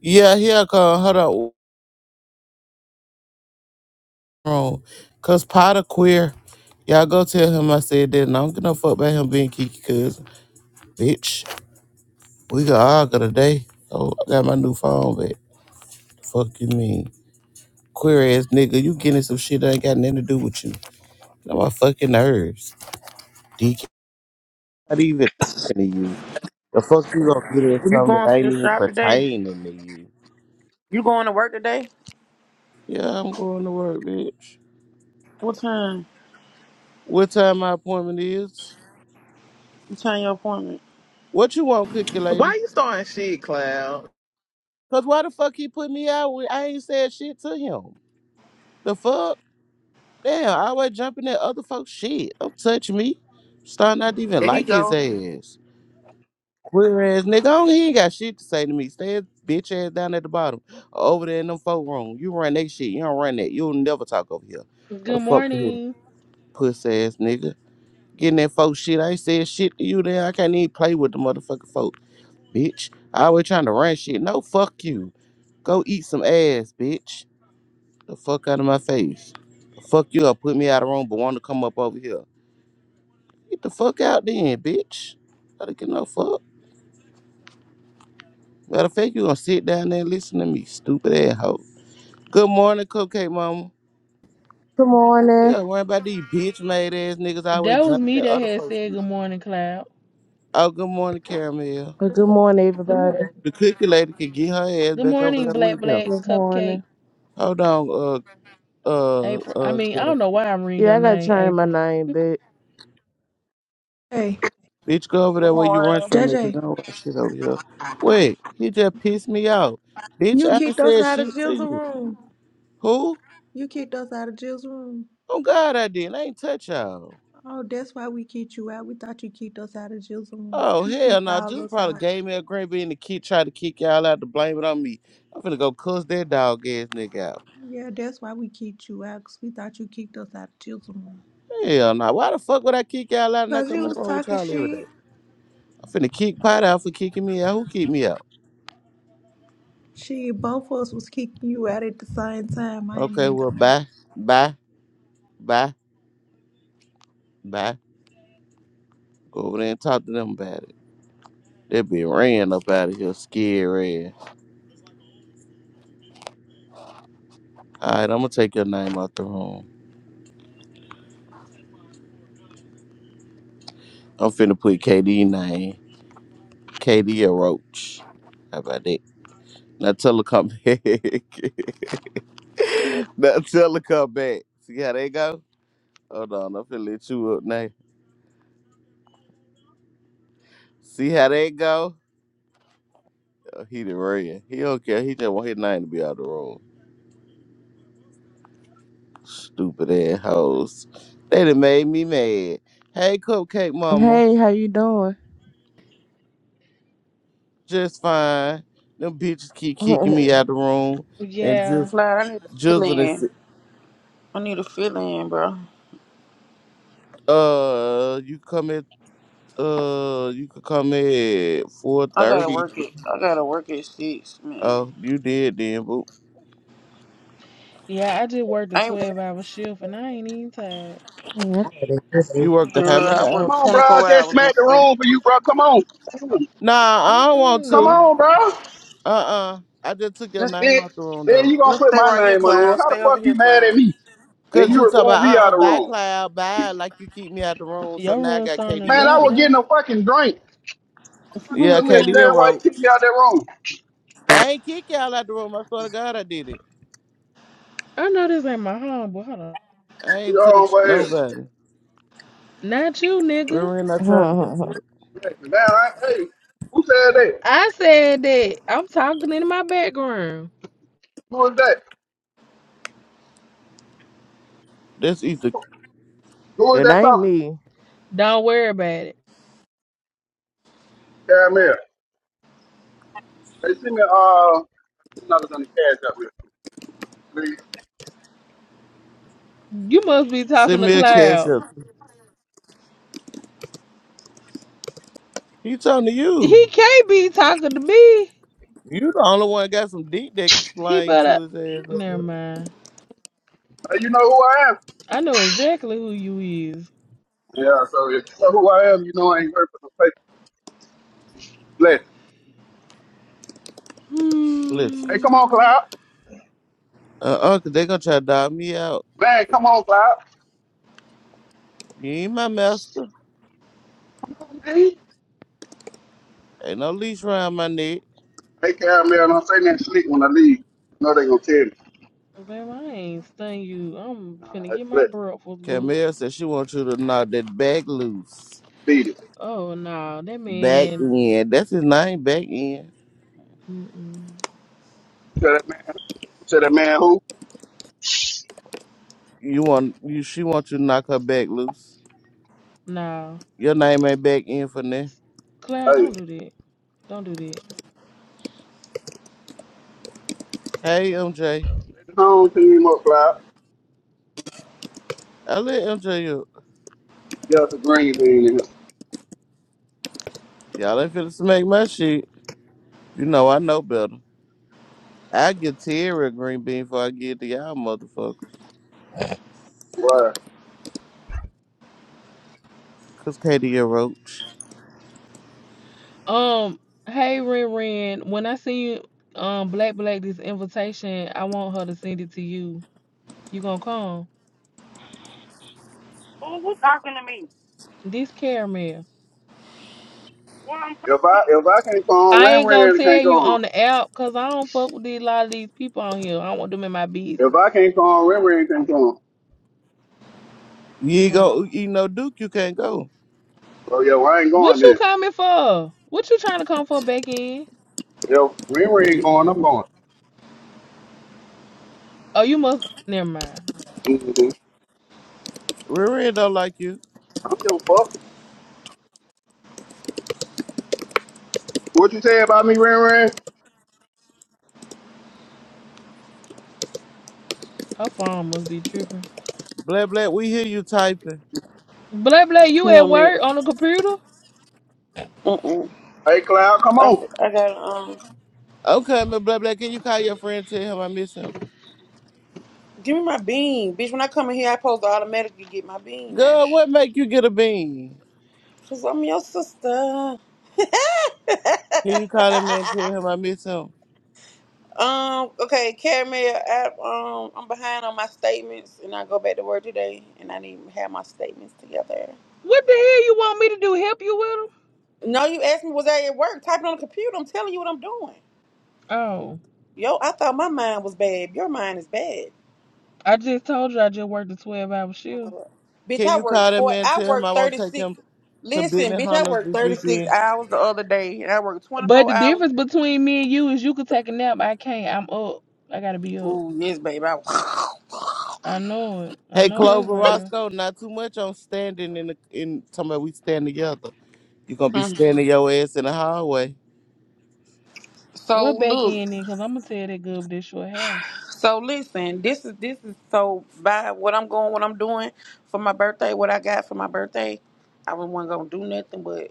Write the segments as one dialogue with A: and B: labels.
A: Yeah, he'll come. Hold on. Wrong. Cause Potter queer. Y'all go tell him I said that and I don't give no fuck about him being Kiki cousin. Bitch. We got argue today. Oh, I got my new phone back. Fuck you mean. Queer ass nigga, you getting some shit that ain't got nothing to do with you. Got my fucking nerves. DK not even talking to you. The fuck you gonna get in
B: You
A: something
B: going
A: that
B: to the
A: ain't even
B: shop today?
A: pertaining to you.
B: You going to work today?
A: Yeah, I'm going to work, bitch.
B: What time?
A: What time my appointment is?
B: What time your appointment?
A: What you want, cookie
C: Why
A: lady?
C: you starting shit, Cloud?
A: Cause why the fuck he put me out when I ain't said shit to him? The fuck? Damn, I always jumping at other folks' shit. Don't touch me. Starting not to even
C: There he
A: like his
C: go.
A: ass. Queer ass nigga, oh, he ain't got shit to say to me. Stay his bitch ass down at the bottom. Over there in them folk room. You run that shit. You don't run that. You'll never talk over here. Go the
D: Good
A: fuck to him.
D: morning.
A: Puss ass nigga. Getting that folk shit. I ain't said shit to you there. I can't even play with the motherfucking folk. Bitch. I always trying to run shit. No, fuck you. Go eat some ass, bitch. The fuck out of my face. The Fuck you up, put me out of room, but want to come up over here. Get the fuck out then, bitch. I don't give no fuck. Matter of fact, you gonna sit down there and listen to me, stupid ass hoe. Good morning, Cupcake Mama.
E: Good morning.
A: Yeah, worry about these bitch made ass niggas always
D: That was
A: jumping
D: me
A: at
D: that
A: other
D: had
A: folks
D: said
A: shit.
D: good morning, Cloud.
A: Oh, good morning, Caramel.
E: Uh, Good morning,
D: Good
E: everybody.
D: morning.
A: The cookie lady can get her ass
D: Good
A: back over
D: morning,
A: there
D: Black
A: with them.
D: Black
E: Good
D: Cupcake.
E: morning.
A: Hold on, uh, uh,
D: April. I mean, I
A: uh,
D: don't know why I'm reading
E: Yeah,
D: your
E: I gotta
D: name,
E: change my
D: April.
E: name, but
F: Hey,
A: Bitch, go over
B: Good
A: there where you run
B: morning.
F: J
A: something because
F: J.
A: I don't want shit over here. Wait, he just pissed me off, Bitch,
F: you
A: I ain't
F: kicked us
A: said
F: out of
A: shit to
F: Jill's
A: you.
F: room.
A: Who?
F: You kicked us out of Jill's room.
A: Oh, God, I didn't. I ain't touch y'all.
F: Oh, that's why we kicked you out. We thought you kicked us out of Jill's room.
A: Oh,
F: You
A: hell
F: kicked
A: no.
F: all
A: Just
F: us
A: probably
F: out.
A: gave me a green bean to kick, try to kick y'all out to blame it on me. I'm finna go cuss that dog ass nigga out.
F: Yeah, that's why we kicked you out, 'cause we thought you kicked us out of Jill's Room.
A: Hell no. Why the fuck would I kick y'all out and I
F: 'Cause
A: come
F: you
A: in
F: was
A: the room with
F: talking
A: y'all every day?
F: shit.
A: I'm finna kick Pot out for kicking me out. Who kicked me out?
F: Shit, both of us was kicking you out at the same time. I ain't
A: Okay,
F: even
A: well,
F: gonna
A: bye, bye, bye, bye. Go over there and talk to them about it. They be ran up out of here, scary. All right, I'm gonna take your name out the room. I'm finna put KD name. KD or Roach. How about that? Now tell her come back. now tell her come back. See how they go? Hold on, I'm finna let you up now. See how they go? Uh, He the red. He don't care. He just want his name to be out the room. Stupid ass hoes. They done made me mad. Hey, Cupcake Mama.
E: hey, how you doing?
A: just fine. Them bitches keep kicking me out the room and
D: Yeah.
A: just
B: Clyde, I need a fill
A: jizzing and
B: in.
A: shit.
B: I need a fill in, bro.
A: uh you come at uh you could come at four
B: I gotta
A: thirty.
B: work it. I gotta work at six, man.
A: Oh, you did then, boo.
D: Yeah, I just worked a
B: I ain't
D: 12 hour shift and I ain't even tired.
A: You worked a how
B: girl,
A: many
B: I
G: Come
A: hours?
B: worked
G: on,
B: twenty
G: bro. I
B: four
G: just
B: hours
G: smacked the
B: yesterday.
G: room for you, bro. Come on.
A: Nah, I don't want
G: Come
A: to.
D: Mm-mm.
G: on, bro.
A: Uh uh I just took your
B: Just
A: name
G: Then,
A: out the room
G: then
A: though.
G: you gonna
B: let's
G: put
B: stay
G: my
B: right here,
G: name on the room.
B: Cloud.
G: How the
B: Stay over
G: fuck you
B: here,
G: mad at
B: Cloud.
G: me? And
A: Cause you
G: you
A: talk
G: remove
A: about
G: me
A: uh uh
G: out of the
A: bye
G: room.
A: cloud, bye like you keep me out the room, so
D: Your
A: now I
D: room's
A: got
D: starting to
A: KD
G: Man,
A: up
G: I
D: jump
G: was
A: here.
D: now.
G: getting a fucking drink. Fuck you
A: Yeah,
G: is that?
A: KD
G: Damn, why
A: wrote.
G: you kick me out that room?
A: I ain't kick y'all out the room, I swear to God I did it.
D: I know this ain't my home, but hold on.
A: I
G: You
A: ain't
G: know
A: touch
G: what
A: nobody.
D: Not you, nigga.
A: Remember, I tried to
G: I'm saying? Damn, I, hey, who said that?
D: I said that. I'm talking in my background.
G: Who is that?
A: That's either
G: Who is
E: It
G: that
E: ain't
G: talking?
E: me.
D: Don't worry about it.
G: Damn, here. They send me, uh, another on the cash up here, please.
D: You must be talking
A: send
D: to
A: me a cash
D: Cloud.
A: up. He talking to
D: He
A: you.
D: can't be talking to me.
A: You the only one got some deep that
D: He
A: slang
D: better.
A: to his ass. up
D: Never
A: there.
D: mind.
G: Hey, you know who I am?
D: I know exactly who you is.
G: Yeah, so if you know who I am, you know I ain't heard for the place. Bless.
A: Listen,
G: Hey, come on,
D: Hmm.
G: Cloud.
A: uh, uncle, they gonna try to dog me out.
G: Man, come on, Cloud.
A: You ain't my master.
G: Come on, man.
A: Ain't no leash around my neck.
G: Hey, Caramel, don't say nothing slick when I leave. You know they gonna tell me.
D: Baby, I ain't stung you. I'm finna
G: Nah,
D: get my
G: let's
D: breakfast, boo.
A: Camille said she wants you to knock that back loose.
G: beat it.
D: Oh, no. That
A: Back
D: man.
A: end. That's his name. Back end.
D: Mm-mm.
G: Tell that man, tell that man who?
A: You want you? She wants you to knock her back loose.
D: No.
A: Your name ain't back end for now.
D: Clyde, don't
G: Hey,
D: do that. Don't do that.
A: Hey, MJ.
G: let the home team up, Cloud.
A: I let MJ up.
G: Get out the green bean in him.
A: Y'all ain't finna smack my shit. You know, I know better. I get Tierra a green bean before I get to y'all motherfuckers.
G: Right.
A: Cause Katie a roach.
D: Um, hey, Ren Ren. When I send you, um, Black Black this invitation, I want her to send it to you. You gonna come?
H: Who who talking to me?
D: This caramel.
H: Well, I'm One
G: If I
H: person.
G: if I can't go on,
D: I
G: Ren
D: ain't gonna
G: Ren
D: tell
G: can't go
D: you
G: on.
D: on the app because I don't fuck with these, a lot of these people on here. I don't want them in my
G: If
D: business.
G: I can't go on, Ren Ren can't go on.
A: You ain't
D: No.
A: go, you know, Duke, you can't go.
G: Oh yeah, well, I ain't going
D: What you
G: then.
D: coming for? What you trying to come for back in?
G: Yo, Ren Ren ain't going. I'm going.
D: Oh, you must. Never mind.
G: Mm-hmm.
A: Riri don't like you.
G: I don't give a fuck. What you say about me, Ren Ren?
D: Her phone must be tripping.
A: Black Black, we hear you typing.
D: Blah blah. You
B: me
D: at
B: on mute.
D: work on the computer?
B: Mm-mm.
G: Hey, Cloud, come
B: I, f-
G: on.
B: I gotta um
A: I'm coming, Black Black. Can you call your friend tell him I miss him?
B: give me my bean. Bitch, when I come in here I supposed to automatically get my bean now.
A: Girl, what make you get a bean?
B: Cause I'm your sister.
A: Can you call that man tell him I miss him?
B: Um, okay, Caramel, I, um, I'm behind on my statements and I go back to work today and I need to have my statements together.
D: What the hell you want me to do? Help you with them?
B: No, you asked me, was I at work typing on the computer? I'm telling you what I'm doing.
D: Oh,
B: Yo, I thought my mind was bad. Your mind is bad.
D: I just told you I just worked a twelve hour shift.
B: Bitch,
A: Can
B: I
A: you
B: worked
A: call that
B: for
A: man
B: I
A: tell him I
B: worked
A: want to take
B: 36.
A: him to
B: Listen,
A: Benny
B: bitch, I
A: Hunters
B: worked
A: this
B: 36
A: weekend?
B: hours the other day and I worked
D: But
B: 24
D: the
B: hours.
D: difference between me and you is you could take a nap. I can't. I'm up. I gotta be up.
B: Ooh, yes, baby. I, was,
D: I know it. I
A: Hey
D: know that's
A: Clover
D: real.
A: Roscoe, not too much on standing in the in talking about we stand together. You gonna be
B: Mm.
A: standing your ass in the hallway.
B: So
D: What back
B: look,
D: end then? Cause I'm gonna tell that girl with that short hair.
B: So listen, this is this is so by what I'm going, what I'm doing for my birthday, what I got for my birthday. I wasn't gonna do nothing, but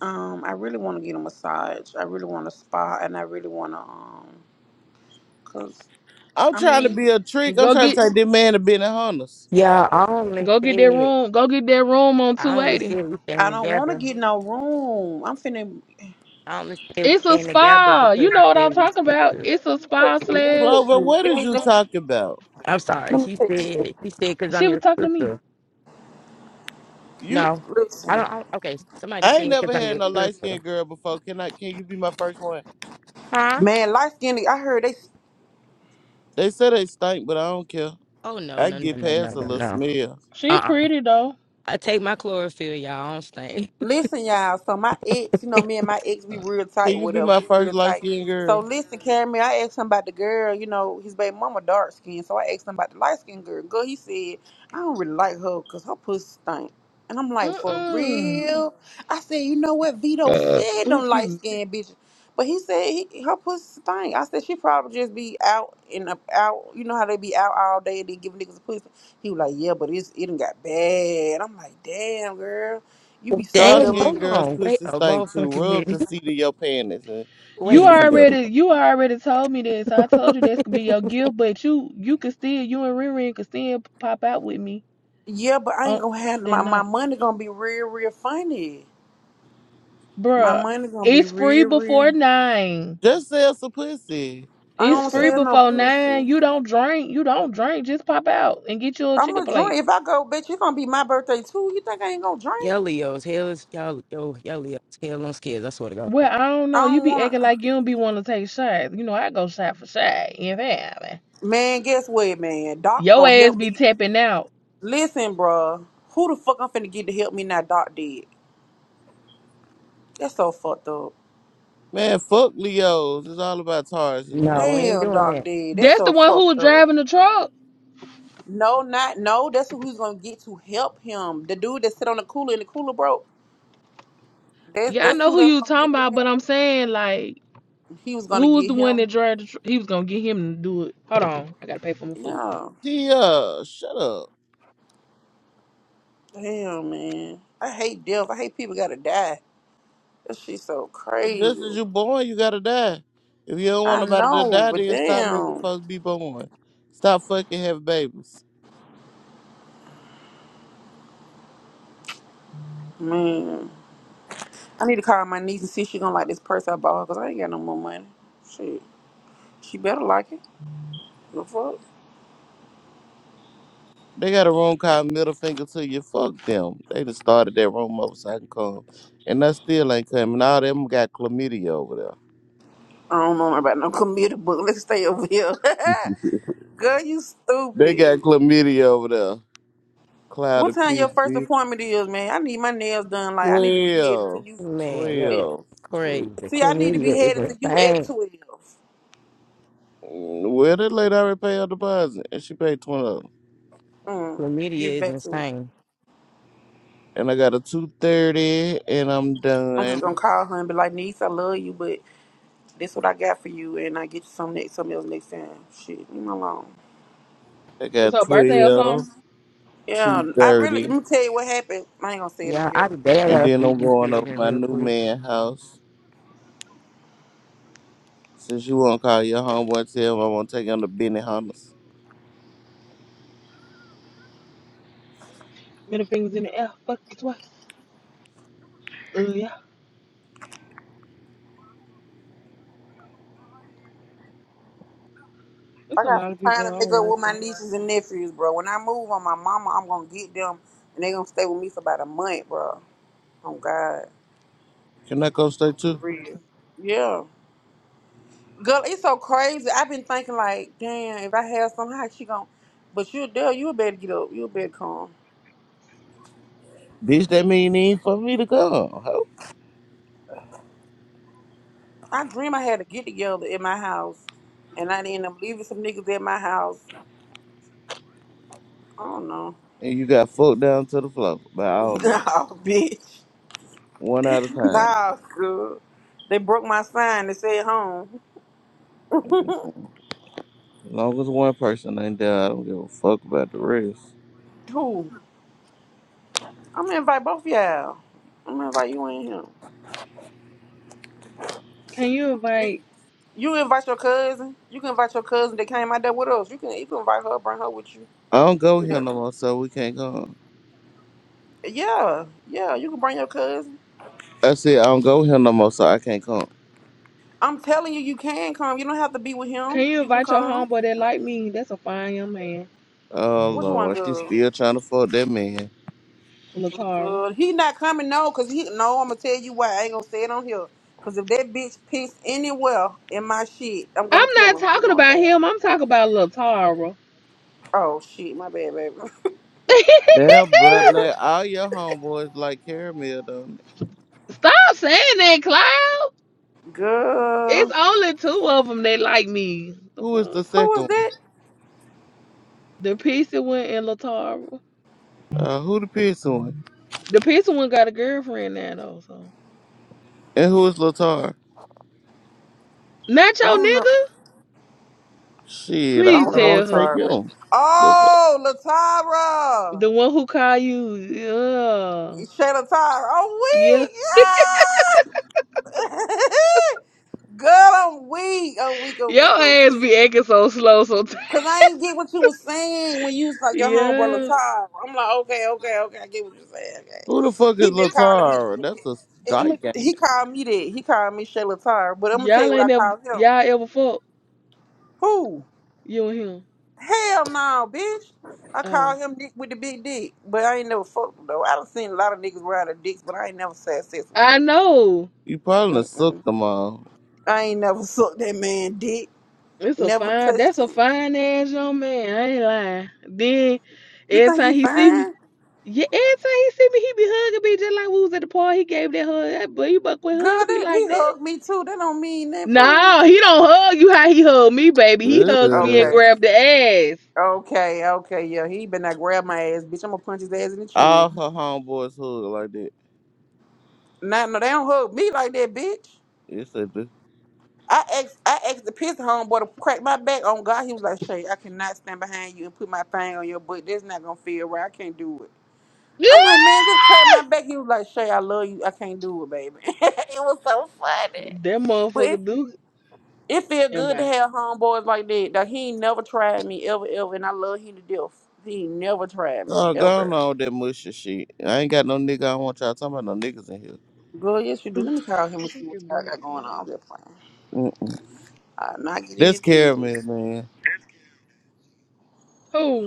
B: um, I really want to get a massage. I really want a spa, and I really want to um, cause
A: I'm
B: I
A: trying to
B: mean,
A: be a trick. I'm
D: Go
A: trying to
D: get
A: take this man to being honest.
I: Yeah, I only
D: go get that
I: said
D: room. Go get that room on
I: I only
D: 280.
I: said we
B: I
I: stand
B: don't want to
I: together.
B: get no room. I'm finna.
I: I only said we
D: It's a
I: stand together
D: spa. You
I: because he
D: know what I'm
I: said we
D: talking about.
I: sisters.
D: It's a
B: Let me
D: spa
B: text you. Let me
D: slash.
B: text
A: Clover,
B: you.
A: what
B: Let
A: is
B: me,
A: you
B: let me,
A: talking about?
I: I'm sorry.
B: let me
I: She said
B: text you.
I: he said because I'm
D: She was
I: your
D: talking to me.
I: sister.
A: You
I: No, I
B: Listen,
I: don't. I, don't- okay, somebody
A: I ain't
I: said because
A: never
I: I'm
A: had
I: your
A: no light skinned
I: sister.
A: girl before. Can I can you be my first one?
I: Huh?
B: man, light skin. I heard they
A: They say they stink, but I don't care.
I: Oh no
A: I
I: no
A: can
I: no
A: get
I: no no
A: past a
I: no
A: little
I: no.
A: smell.
D: She
I: Uh uh
D: pretty though.
I: I take my chlorophyll, y'all. I don't stink.
B: Listen, y'all. So my ex, you know, me and my ex, we real
A: Can
B: tight
A: you
B: with
A: be
B: her.
A: my
B: We
A: first
B: real
A: light
B: tight.
A: skinned
B: So
A: girl?
B: listen, Carrie, I asked him about the girl. You know, his baby mama dark skin. So I asked him about the light skinned girl. Girl, he said I don't really like her because her pussy stink. And I'm like, for
D: Mm-mm.
B: real? I said, you know what? Vito
D: Uh,
B: said
D: ooh,
B: them
D: excuse
B: light
D: me.
B: skinned bitches, but he said he, her pussy stink. I said she probably just be out and up out. You know how they be out all day and then giving niggas a pussy. He was like, yeah, but it's it done got bad. I'm like, damn, girl. You be sitting up
A: Dark
B: there
I: Dang,
A: skinned
I: hold
B: looking.
A: girls
I: on. Wait
A: pussy
I: a
A: stink too.
I: motherfucking
A: Rub the
I: minute.
A: seat of your panties and put
D: You
I: Wait.
A: it together.
D: already you already told me this. I told you this could be your gift, but you you could still you and Riri could still pop out with me
B: Yeah, but I ain't
D: on
B: gonna have
D: that
B: my my
D: night.
B: money gonna be real, real funny. My
D: Bruh,
B: money gonna be
D: it's free
B: real,
D: before
B: real.
D: nine.
A: Just sell some pussy.
B: I
D: It's
B: don't
D: free
A: Damn.
B: sell no
D: before
B: pussy.
D: nine. You don't drink. You don't drink. Just pop out and get you a
B: I'm
D: chicken
B: gonna
D: plate.
B: drink. If I go, bitch, it's gonna be my birthday too. You think I ain't gonna drink?
I: Y'all Leos, hell is y'all, yo, y'all Leos, hell on skids. I swear to God.
D: Well, I don't
B: I
D: know. You
B: don't
D: be acting
B: wanna.
D: like you don't be wanting to take shots. You know, I go shot for shot. You know what feel me?
B: Man, guess what, man? Doc
D: Your
B: gonna
D: ass
B: help
D: be
B: me.
D: tapping out.
B: Listen, bruh. Who the fuck I'm finna get to help me now? Doc dead. That's so fucked up.
A: Man, fuck Leos. It's all about Taurus. We don't
I: No,
A: want
I: we
A: to get
I: ain't
B: Damn,
I: doing
B: Doc
I: that.
B: dead. That's
D: That's the
B: so
D: one who was
B: fucked up.
D: driving the truck.
B: No, not no. That's who who's gonna get to help him. The dude that sit on the cooler and the cooler broke. That's
D: Yeah, I
B: that's
D: know
B: who
D: who
B: they
D: you
B: that's
D: was
B: gonna
D: talking
B: get the
D: about,
B: help.
D: but I'm saying like,
B: He was gonna
D: who was
B: get
D: the one that
B: him.
D: drove the truck? He was gonna get him to do it. Hold on, I gotta pay for my food.
B: No,
A: Tia, shut up.
B: damn man. I hate death. I hate people gotta die. That shit's so
A: Well, just as
B: crazy.
A: you born, you gotta die. If you don't want
B: I
A: nobody to
B: know,
A: die,
B: but
A: then stop making
B: damn,
A: folks be born. Stop fucking having babies.
B: man. I need to call my niece and see if she gonna like this purse I bought her because I ain't got no more money. Shit, she better like it. The fuck?
A: They got a room called Middle Finger to You. Fuck them. They just started that room over so I can come. And I still ain't coming. All them got chlamydia over there.
B: I don't know about no computer book. Let's stay over here. Girl, you
A: They
B: stupid.
A: got chlamydia over there. Cloud
B: What
A: of
B: time your
A: peace,
B: first
A: bitch.
B: appointment is, man? I need my nails done. Like I need to be headed to
A: 12.
B: you.
I: Man, yo,
A: 12.
I: it's
A: 12.
I: crazy.
B: See, I need to be
I: Chlamydia is
B: headed to you at
I: insane.
B: 12.
A: Well, that lady already paid her deposit, and she paid twenty. Of them.
B: Mm, get
I: Chlamydia is
B: back to
I: insane.
A: And I got a two thirty, and I'm
B: I'm
A: done.
B: just going to call her and be like, niece, I love you, but this what I got for you, and I get you some next, something else next time. Shit, leave me alone.
A: I
D: It's
A: got
D: her birthday or
A: twelve,
D: something.
B: Yeah,
A: two
B: I really, let
A: thirty,
B: me tell you what happened. I ain't going to say it on
I: Yeah,
B: here.
I: I could bad
A: and
I: up
A: then
I: eat
A: I'm
I: these
A: going over
I: children
A: my
I: real
A: new
I: quick.
A: man house. Since you won't call your homeboy, and tell him I won't take him to Benny Hunters.
D: Middle fingers in the air. Fuck you twice. Oh yeah,
B: I
D: it's a
B: got
D: lot
B: some
D: of
B: time
D: people
B: to
D: I
B: make
D: don't
B: up with
D: like.
B: my
D: Them.
B: nieces and nephews, bro. When I move on my mama, I'm going to get them, and they going to stay with me for about a month, bro. Oh, God.
A: Can I go stay
B: For
A: too?
B: real. Yeah. Girl, it's so crazy. I've been thinking like, damn, if I have some, how she gon' But you, there, you better get up. You better come.
A: Bitch, that mean it ain't for me to come, ho.
B: I dream I had to get together at my house, and I ended up leaving some niggas at my house. I don't know.
A: And you got fucked down to the floor, but I don't know.
B: nah, bitch.
A: One at a time.
B: Nah, girl. They broke my sign. They said home.
A: As long as one person ain't there, I don't give a fuck about the rest.
B: Who? I'm gonna invite both y'all. I'm gonna invite you and him.
D: Can you
B: You
D: invite?
B: you invite your cousin. You can invite your cousin that came out there with us. You can you can invite her. Bring her with
A: I don't go here
B: you.
A: no more, so we can't go.
B: Yeah, yeah, you can bring your cousin.
A: I said I don't go here no more, so I can't come.
B: I'm telling you, you can come. You don't have to be with
D: Can
B: him.
D: you
B: You can
D: invite your
B: come.
D: homeboy that like me? That's a fine young man,
A: Oh
B: Which one,
A: Lord, she's
B: good?
A: still trying to fuck that man.
D: Latara.
B: Good. He not coming, no, because he, no, I'm going to tell you why. I ain't going to say it on here. Because if that bitch piss anywhere in my shit, I'm going to
D: I'm not
B: kill him. He
D: talking
B: going to
D: about
B: die.
D: him. I'm talking about Latara.
B: Oh, shit, my bad, baby.
A: Damn, black black, all your homeboys like caramel though.
D: Stop saying that, Cloud. It's
B: Good.
D: only two of them that like me. The
A: Who is
D: fuck?
A: the
B: Who was
A: second one?
B: that?
D: The pizza one and Latara.
A: Uh, who the piercing one?
D: The pizza one got a girlfriend now, though. So
A: And who is Latar?
D: not
B: I
D: your
B: don't know.
D: nigga.
A: Shit,
B: I
A: I
D: Please
A: might
B: don't know
D: tell
A: want to
D: her
A: take
B: Latara, baby.
A: him. The fuck-
B: Oh, Latara.
D: the one who call you. Yeah,
B: Shay Latara.
D: yeah.
B: Oh, we. Yeah! Girl, I'm weak. I'm weak. I'm
D: Your
B: weak. I'm
D: ass
B: weak.
D: be acting so slow sometimes.
B: Cause I ain't get what you was saying when you was like your homeboy
D: Yeah.
B: Latar. I'm like, okay, okay, okay. I get what you're saying. Okay.
A: Who the fuck
B: He
A: is
B: been calling me.
A: Latar? That's a
B: And I'ma-
A: dyke, ain't
B: he
A: it?
B: called me that. He called me Shay Latar. But I'm gonna tell
D: Y'all
B: you what I
D: ain't ever
B: called him.
D: y'all ever fuck
B: Who?
D: you and him.
B: Hell no, bitch. I
D: Oh.
B: called him Dick with the big dick. But I ain't never fucked him though. I done seen a lot of niggas ride their dicks, but I ain't never had sex with
D: I know.
A: You probably done
B: him. Mm-mm.
A: sucked them all.
B: I ain't never sucked that man dick.
D: It's a
B: Never
D: fine
B: touched
D: that's a
B: him.
D: fine ass young man. I ain't lying. Then
B: You
D: every
B: think
D: time
B: he
D: he see me,
B: fine?
D: yeah, every time he see me, he be hugging me just like we was at the party. He gave that hug. But you buck with
B: Girl,
D: hugging me
B: that he
D: like that.
B: hugged me too. That don't mean that fool.
D: No, he don't hug you how he hug me, baby. He hugs me and
A: Ugh.
B: Okay.
D: grab the ass.
B: Okay, okay, yeah. He better not grab my ass, bitch. I'm gonna punch his ass in the chin.
A: All her homeboys hood like that.
B: Nah, no, they don't hug me like that, bitch.
A: Yes, they do.
B: I asked I asked the piss homeboy to crack my back on God. He was like, Shay, I cannot stand behind you and put my thing on your butt. That's not gonna feel right. I can't do it. I'm like, man, just crack my
D: Yeah!
B: back. He was like, Shay, I love you. I can't do it, baby. it was so funny.
D: That
B: but. it
D: motherfucker do
B: It feel
D: am
B: good to
D: I?
B: have homeboys like that. Like he ain't never tried me ever, ever, and I love him to death. He ain't never tried me
A: Oh, go
B: ever.
A: on with that mushy shit. I ain't got no nigga. I don't want y'all talking about no niggas in here.
B: Girl, yes, you do. Let me call him and see
D: Look
B: what
D: at
B: y'all
D: Brent.
B: got going on. I'm just playing.
A: Mm-mm.
B: I'm not getting
A: That's
B: his
A: caramel,
B: business.
A: man.
D: Who?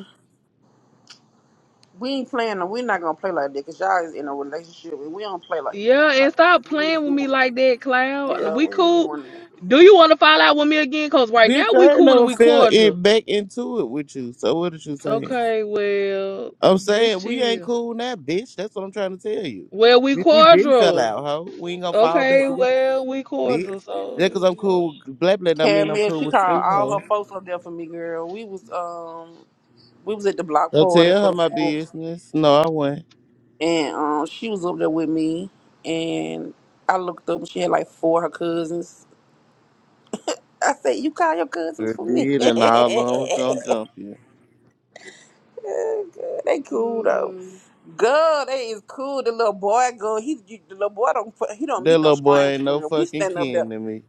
B: We ain't playing. no- We're not gonna play like that because y'all is in a relationship and we don't play like
D: Yeah,
B: that. Like
D: and stop
B: we
D: playing
B: ain't
D: with me
B: doing
D: like that,
B: that.
D: Cloud.
B: Yeah,
D: We
B: we ain't
D: cool.
B: doing that.
D: Do you want to fall out with me again? Cause right now
A: Bitch,
D: we
A: I ain't
D: cool and
A: never
D: we
A: fell it
D: cordial.
A: back into it with you. So what are you saying?
D: Okay, well,
A: I'm
D: just
A: saying we ain't
D: chill.
A: cool now, bitch. That's what I'm trying to tell you.
D: Well, we
A: Bitch, we been fell
D: cordial.
A: out, ho. We ain't gonna fall back
D: Okay,
A: together,
D: well, we
A: bitch.
D: cordial. So
A: Just cause
D: this is
A: I'm
D: what.
A: cool, blah blah, don't mean I'm
B: Caramel,
A: cool
B: she
A: with
B: called
A: you,
B: all her
A: ho.
B: folks up there for me, girl. We was um, we was at the block
A: Don't
B: party
A: tell
B: for
A: her
B: the
A: my
B: fourth.
A: business. No, I won't.
B: and um, she was up there with me, and I looked up and she had like four of her cousins. I said, "You call your cousins
A: Sure
B: for me?
A: did, and all along was gonna jump you.
B: Girl, they cool though.
D: Mm,
B: Girl, they is cool. The little boy, girl, he you- the little boy don't put- he don't
A: That
B: meet no
A: little boy
B: stranger
A: ain't no
B: girl. We
A: fucking
B: stand up there.
A: kin to me.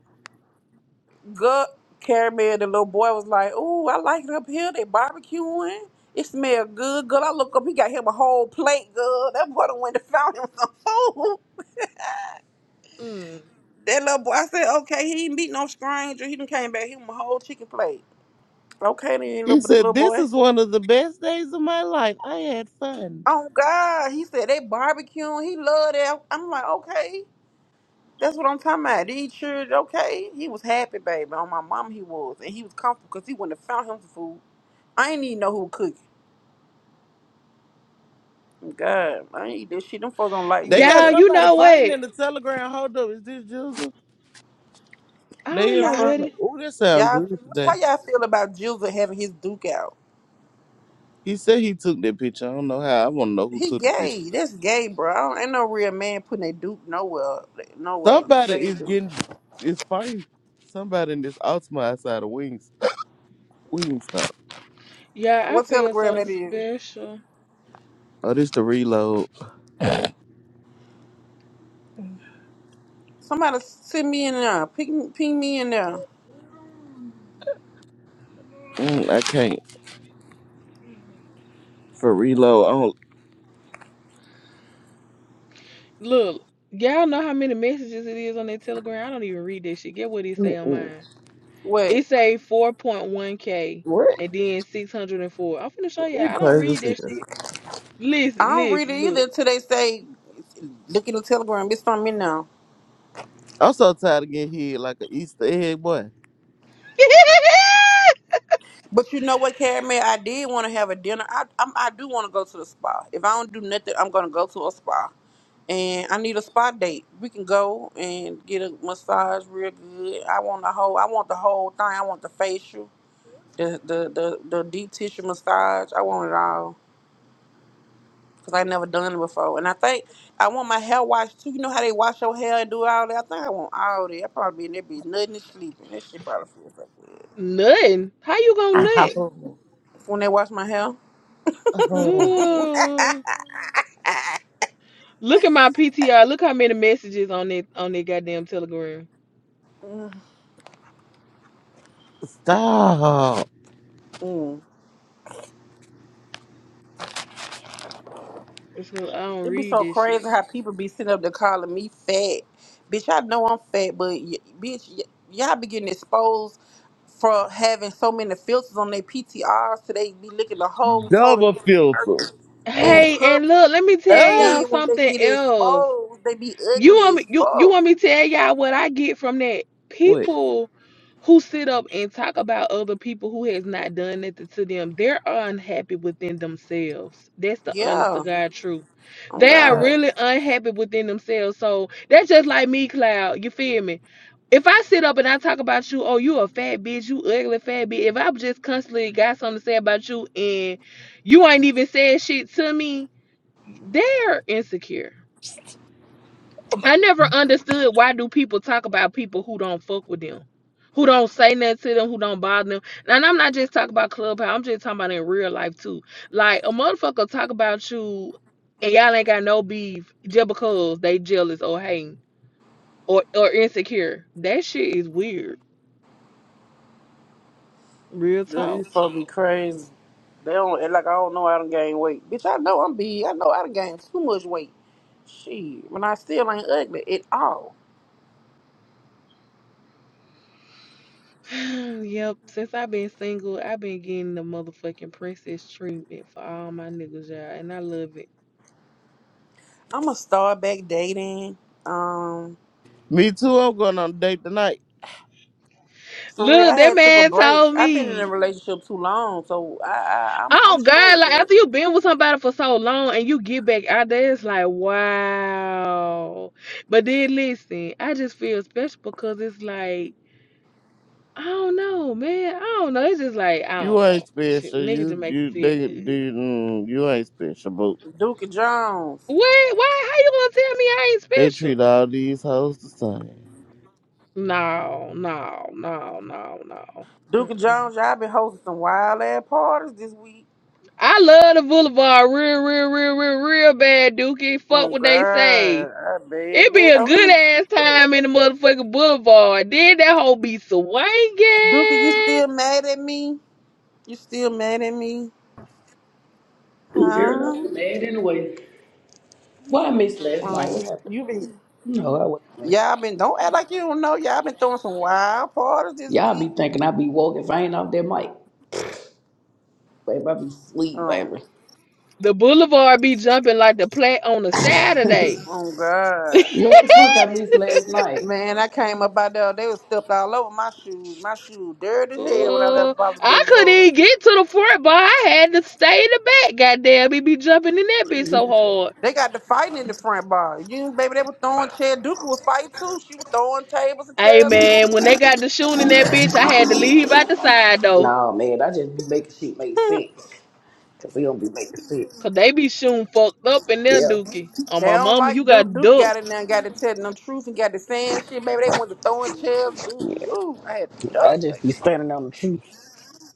B: Girl, caramel, the little boy was like, "Ooh, I like it up here. They barbecuing." It smell good, girl. I look up, he got him a whole plate, girl. That boy done went and found him some food.
D: mm.
B: That little boy, I said, okay, he ain't beat no stranger. He done came back, he him a whole chicken plate. Okay, then,
A: He
B: little, little
A: said, "This
B: boy.
A: is one of the best days of my life. I had fun."
B: Oh, God. He said they barbecuing. He loved that. I'm like, okay. That's what I'm talking about. These children, okay. He was happy, baby. On my mom, he was. And he was comfortable because he wouldn't have found him some food. I ain't even know who cooked. it. God, I ain't eat this shit. Them folks don't like
A: They
B: me up
A: got
D: Yeah,
B: there.
D: you
A: somebody
D: know
A: fighting
D: what?
A: in the telegram. Hold up, is this Jesus?
D: I
A: They
D: don't
A: in
D: know
B: Y'all,
A: front
D: what
A: of.
D: it.
A: Oh, that sound
B: y'all,
A: good
B: how
A: today.
B: y'all feel about Jizzle having his Duke out?
A: He said he took that picture. I don't know how. I want to know who
B: He
A: took the picture.
B: gay. That's gay, bro. I don't- ain't no real man putting a dupe nowhere. Nowhere.
A: Somebody
B: They ain't
A: is
B: doing
A: getting
B: that.
A: is fighting. Somebody in this Ultima outside of Wings Wings stop.
D: Yeah, I
B: What
D: feel
B: telegram
D: so
B: that is?
D: special.
A: Oh, this the reload.
B: Somebody send me in there. Ping, ping me in there.
A: Mm, I can't for reload. I don't.
D: Look, y'all know how many messages it is on that Telegram. I don't even read that shit. Get what it say on
A: Mm-mm.
D: mine.
B: What?
D: It say 4.1K
A: What?
D: and then 604. I'm finna show you.
A: You
D: I don't
A: crazy
D: read
A: as
D: that shit.
A: hell.
B: I
D: Listen,
B: don't read it
D: listen,
B: either
D: look.
B: until they say, look at the telegram. It's from me now.
A: I'm so tired of getting hit like an Easter egg boy.
B: But you know what, Carrie, I did want to have a dinner. I I'm, I do want to go to the spa. If I don't do nothing, I'm going to go to a spa. And I need a spa date. We can go and get a massage real good. I want the whole. I want the whole thing. I want the facial. the the the, the deep tissue massage. I want it all because I never done it before. And I think I want my hair washed too. You know how they wash your hair and do all that. I think I want all that. I probably be in there be nothing and sleeping. That shit probably feels so good.
D: Nothing. How you gonna nut?
B: When they wash my hair.
D: Good. Look at my PTR. Look how many messages on that on that goddamn telegram.
A: Stop.
B: mm.
D: It's 'cause I don't
B: It be
D: read
B: so
D: this
B: crazy
D: shit.
B: how people be sitting up there calling me fat. Bitch, I know I'm fat, but y- bitch, y- y'all be getting exposed for having so many filters on their PTRs so they be looking a whole total
A: Double
B: different
A: filter.
B: person in
D: Hey, and
B: public.
D: look, let me tell
B: And
A: Ah.
B: then
D: y'all
B: when they
D: something
B: get
D: else.
B: exposed, they be
D: You
B: ugly
D: want
B: as
D: me you you
B: fuck.
D: want me to tell y'all what I get from that?
A: Wait.
D: People who sit up and talk about other people who has not done nothing to them, they're unhappy within themselves. That's the honest to
B: Yeah.
D: God truth.
B: Oh,
D: They are
B: God.
D: really unhappy within themselves. So that's just like me, Cloud. You feel me? If I sit up and I talk about you, oh, you a fat bitch, you ugly fat bitch. If I've just constantly got something to say about you and you ain't even said shit to me, they're insecure. I never understood why do people talk about people who don't fuck with them, who don't say nothing to them, who don't bother them. And I'm not just talking about clubhouse. I'm just talking about in real life too. Like a motherfucker talk about you, and y'all ain't got no beef just because they jealous or hating or or insecure. That shit is weird. Real
B: Girl,
D: talk.
B: These folks be crazy. They don't act like I don't know I done gain weight. Bitch, I know I'm big. I know I done gained too much weight. Shit. When I still ain't ugly at all.
D: yep. Since I've been single, I've been getting the motherfucking princess treatment for all my niggas, y'all, and I love it.
B: I'm gonna start back dating. Um,
A: Me too. I'm going on a date tonight.
B: for real,
D: Look,
B: I
D: that
B: had took a
D: man
B: break.
D: told
B: I've been in
D: me.
B: a relationship too long, so I, I I'm I'm
D: Oh God!
B: straight.
D: Like
B: But
D: after you've been with somebody for so long and you get back out there, it's like wow. But then listen, I just feel special because it's like I don't know, man. I don't know. It's just like I don't
A: You ain't
D: know. Shit,
A: special.
D: niggas just
A: You
D: make you
A: you
D: feel
A: they,
D: good.
A: they mm, you ain't special, but
B: Duke and Jones,
D: What? Why? How you gonna tell me I ain't
A: they
D: special?
A: treat all these hoes the same.
D: No, no, no, no, no.
B: Duke and
D: Mm-mm.
B: Jones, y'all been hosting some wild ass parties this week.
D: I love the Boulevard real, real, real, real, real bad, Dookie. Fuck
B: Oh
D: what
B: God,
D: they say.
B: ah,
D: It be
B: baby.
D: a
B: Oh, let me
D: good
B: look
D: ass
B: Duke up.
D: time in the motherfucking boulevard. Then that hoe be swinging.
B: Duke, you still mad at me? You still mad at me?
J: Girl, I
B: Huh?
J: was mad anyway. Why I missed last night? What
B: Um,
J: happened?
B: you been
J: No, I wasn't mad.
B: y'all been don't act like you don't know. Y'all been throwing some wild parties this
J: Y'all be
B: week.
J: thinking I be woke if I ain't off that mic. Babe, I be sleep,
B: Um,
J: baby.
D: The boulevard be jumping like the play on a Saturday.
B: oh God.
J: What the fuck I missed last night?
B: Man, I came up out there. They was stepped all over my shoes. My shoes dirty as hell when I
D: Oh,
B: left Bobby
D: I couldn't
B: Boulevard.
D: even get to the front, but I had to stay in the back. Goddamn, it be jumping in that bitch so hard.
B: They got the fighting in the front bar. You baby, they were throwing chairs. Duke was fighting too. She was throwing tables and
D: Hey
B: chairs
D: man,
B: too.
D: when they got the shooting in that bitch, I had to leave out the side though,
J: Nah, man, I just be making shit make sense. Cause we don't be making
D: 'cause
J: sense.
D: they be shooting fucked up in their
J: Yeah.
D: dookie. Oh
B: They
D: my
B: don't
D: mama, you
B: like Duke.
D: got
B: Duke
D: duck.
B: got in there and got to telling them truth and got to saying shit. Baby, they went to throwing chairs. Dude, ooh, I had to
J: I
B: duck. Like.
J: just be standing on the truth.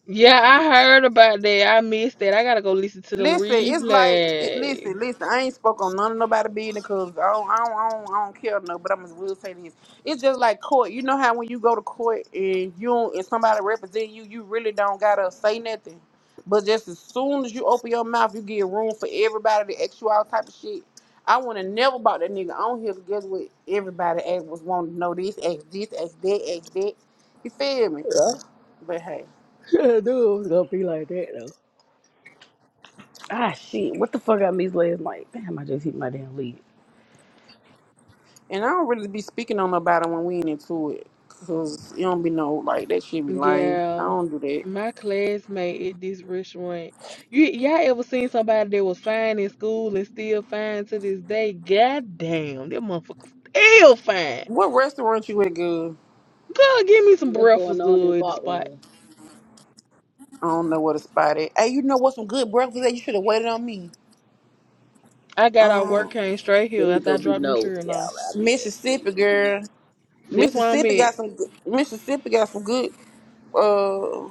D: Yeah, I heard about that. I missed that. I gotta go listen to them
B: Listen, it's like it,
D: replays.
B: listen, listen. I ain't spoke on none of nobody business because I don't, I don't, I don't, I don't care no. But I'm just will say this: it's just like court. You know how when you go to court and you don't, and somebody represent you, you really don't gotta say nothing. But just as soon as you open your mouth, you get room for everybody to ask you all type of shit. I would have never bought that nigga on here. 'cause Guess what? Everybody ask was wanting to know this, ask this, ask that, ask that. You feel me?
J: Yeah.
B: But hey.
J: I knew it was gonna be like that though. Ah shit, what the fuck I missed last night? Damn, I just hit my damn lead.
B: And I don't really be speaking on nobody when we ain't into it. Cause it don't be no like that shit be lame. I
D: Yeah.
B: don't do that.
D: My classmate at this restaurant. You y'all ever seen somebody that was fine in school and still fine to this day? God damn, that motherfucker still fine.
B: What restaurant you at, good?
D: Girl, give me some
J: What's going
D: breakfast
J: on in the
D: good at the
J: bot
D: spot.
J: room?
B: I don't know where to spot it. Hey, you know what some good breakfast that you should have waited on me.
D: I got off work,
B: Um
D: came straight
J: Let
D: here
J: me
D: after
J: go
D: I
J: be
D: dropped them
J: nosy,
D: children off.
J: y'all. I'll be back.
B: Mississippi girl.
D: That's where I'm
B: Mississippi
D: at.
B: got some good Mississippi got some good uh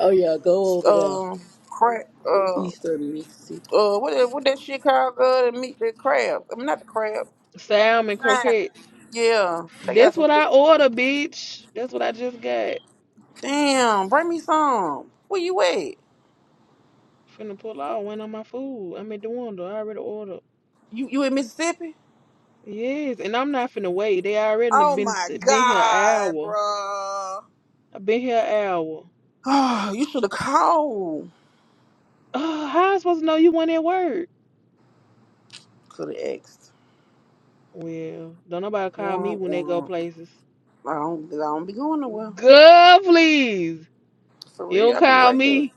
J: Oh yeah, go over there.
B: um crab uh
J: Easter Missy.
B: uh what that, what that shit called good and meat the crab. I mean not the crab.
D: Salmon
B: Salmon.
D: croquette.
B: Yeah. They got
D: That's
B: some
D: what
B: good
D: I order, bitch. That's what I just got.
B: Damn, bring me some. Where you at?
D: Finna pull out when on my food. I'm at the window. I already ordered.
B: You you in Mississippi?
D: Yes, and I'm not finna wait. They already
B: Oh
D: been
B: my
D: been here an
B: god,
D: hour.
B: bruh.
D: I've been here an hour.
B: Oh, you should have called.
D: Uh, how I supposed to know you went at work?
B: Could have asked.
D: Well, don't nobody call me
B: Womp,
D: when they go
B: womp.
D: places.
B: I don't I don't be going nowhere.
D: Girl, please.
B: For
D: You don't
B: real, I be
D: call
B: right here.
D: me.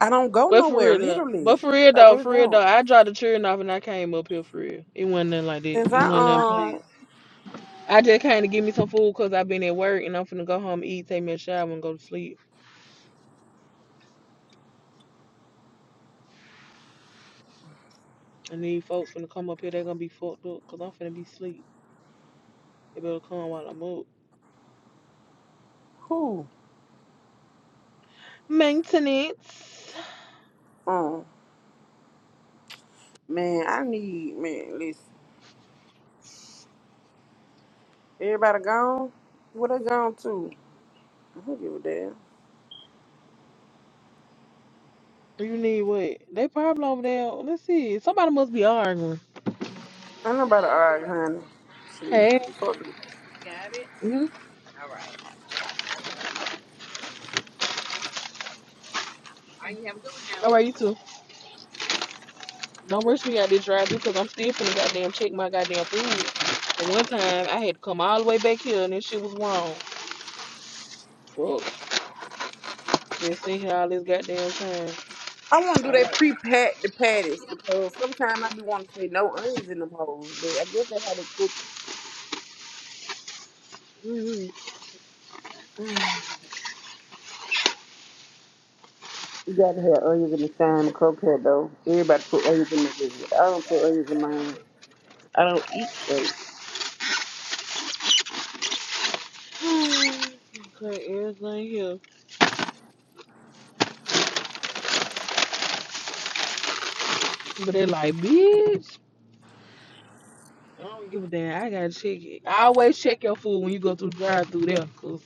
B: I don't go
D: But for real
B: nowhere,
D: though.
B: literally.
D: But for real
B: I
D: though,
B: really
D: for real though,
B: don't.
D: I dropped the children off and I came up here for real. It wasn't nothing like
B: Since
D: that. It
B: I
D: wasn't nothing
B: um
D: planned. I just came to give me some food because i been at work and I'm finna go home, eat, take me a shower, and go to sleep. And these folks finna come up here, they're gonna be fucked up because I'm finna be asleep. They better come while I'm up.
B: who?
D: Maintenance.
B: Um man, I need man, listen. Everybody gone? Where they gone to? I don't give a damn.
D: You need what? They probably over there. Let's see. Somebody must be arguing.
B: Ain't nobody all right, honey. Shit.
D: Hey.
B: Fuck it.
D: hmm All right, you too. Don't rush me out this drive because I'm still finna goddamn check my goddamn food. And one time I had to come all the way back here and this shit was wrong. Fuck. Been sitting here all this goddamn time.
B: I want to do they
D: Alright.
B: pre-pat the patties because sometimes I be want to say no onions in them hoes, but I guess that's how they cook them.
D: Mm-hmm.
B: You got to have onions in the same croquette though. Everybody put onions in theirs. I don't put onions in mine. I don't eat steak.
D: Okay, everything here. But they like, bitch. I don't give a damn. I gotta check it. I always check your food when you go through the drive through there, cause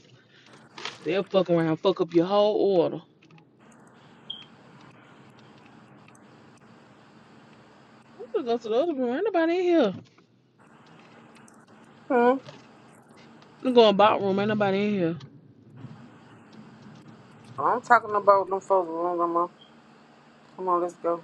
D: they'll fuck around, fuck up your whole order. I'm gonna go to the other room. Ain't nobody in here.
B: Hmm.
D: I'm gonna go in the back room. Ain't nobody in here.
B: I'm talking about them folks' room, Grandma. Come on, let's go.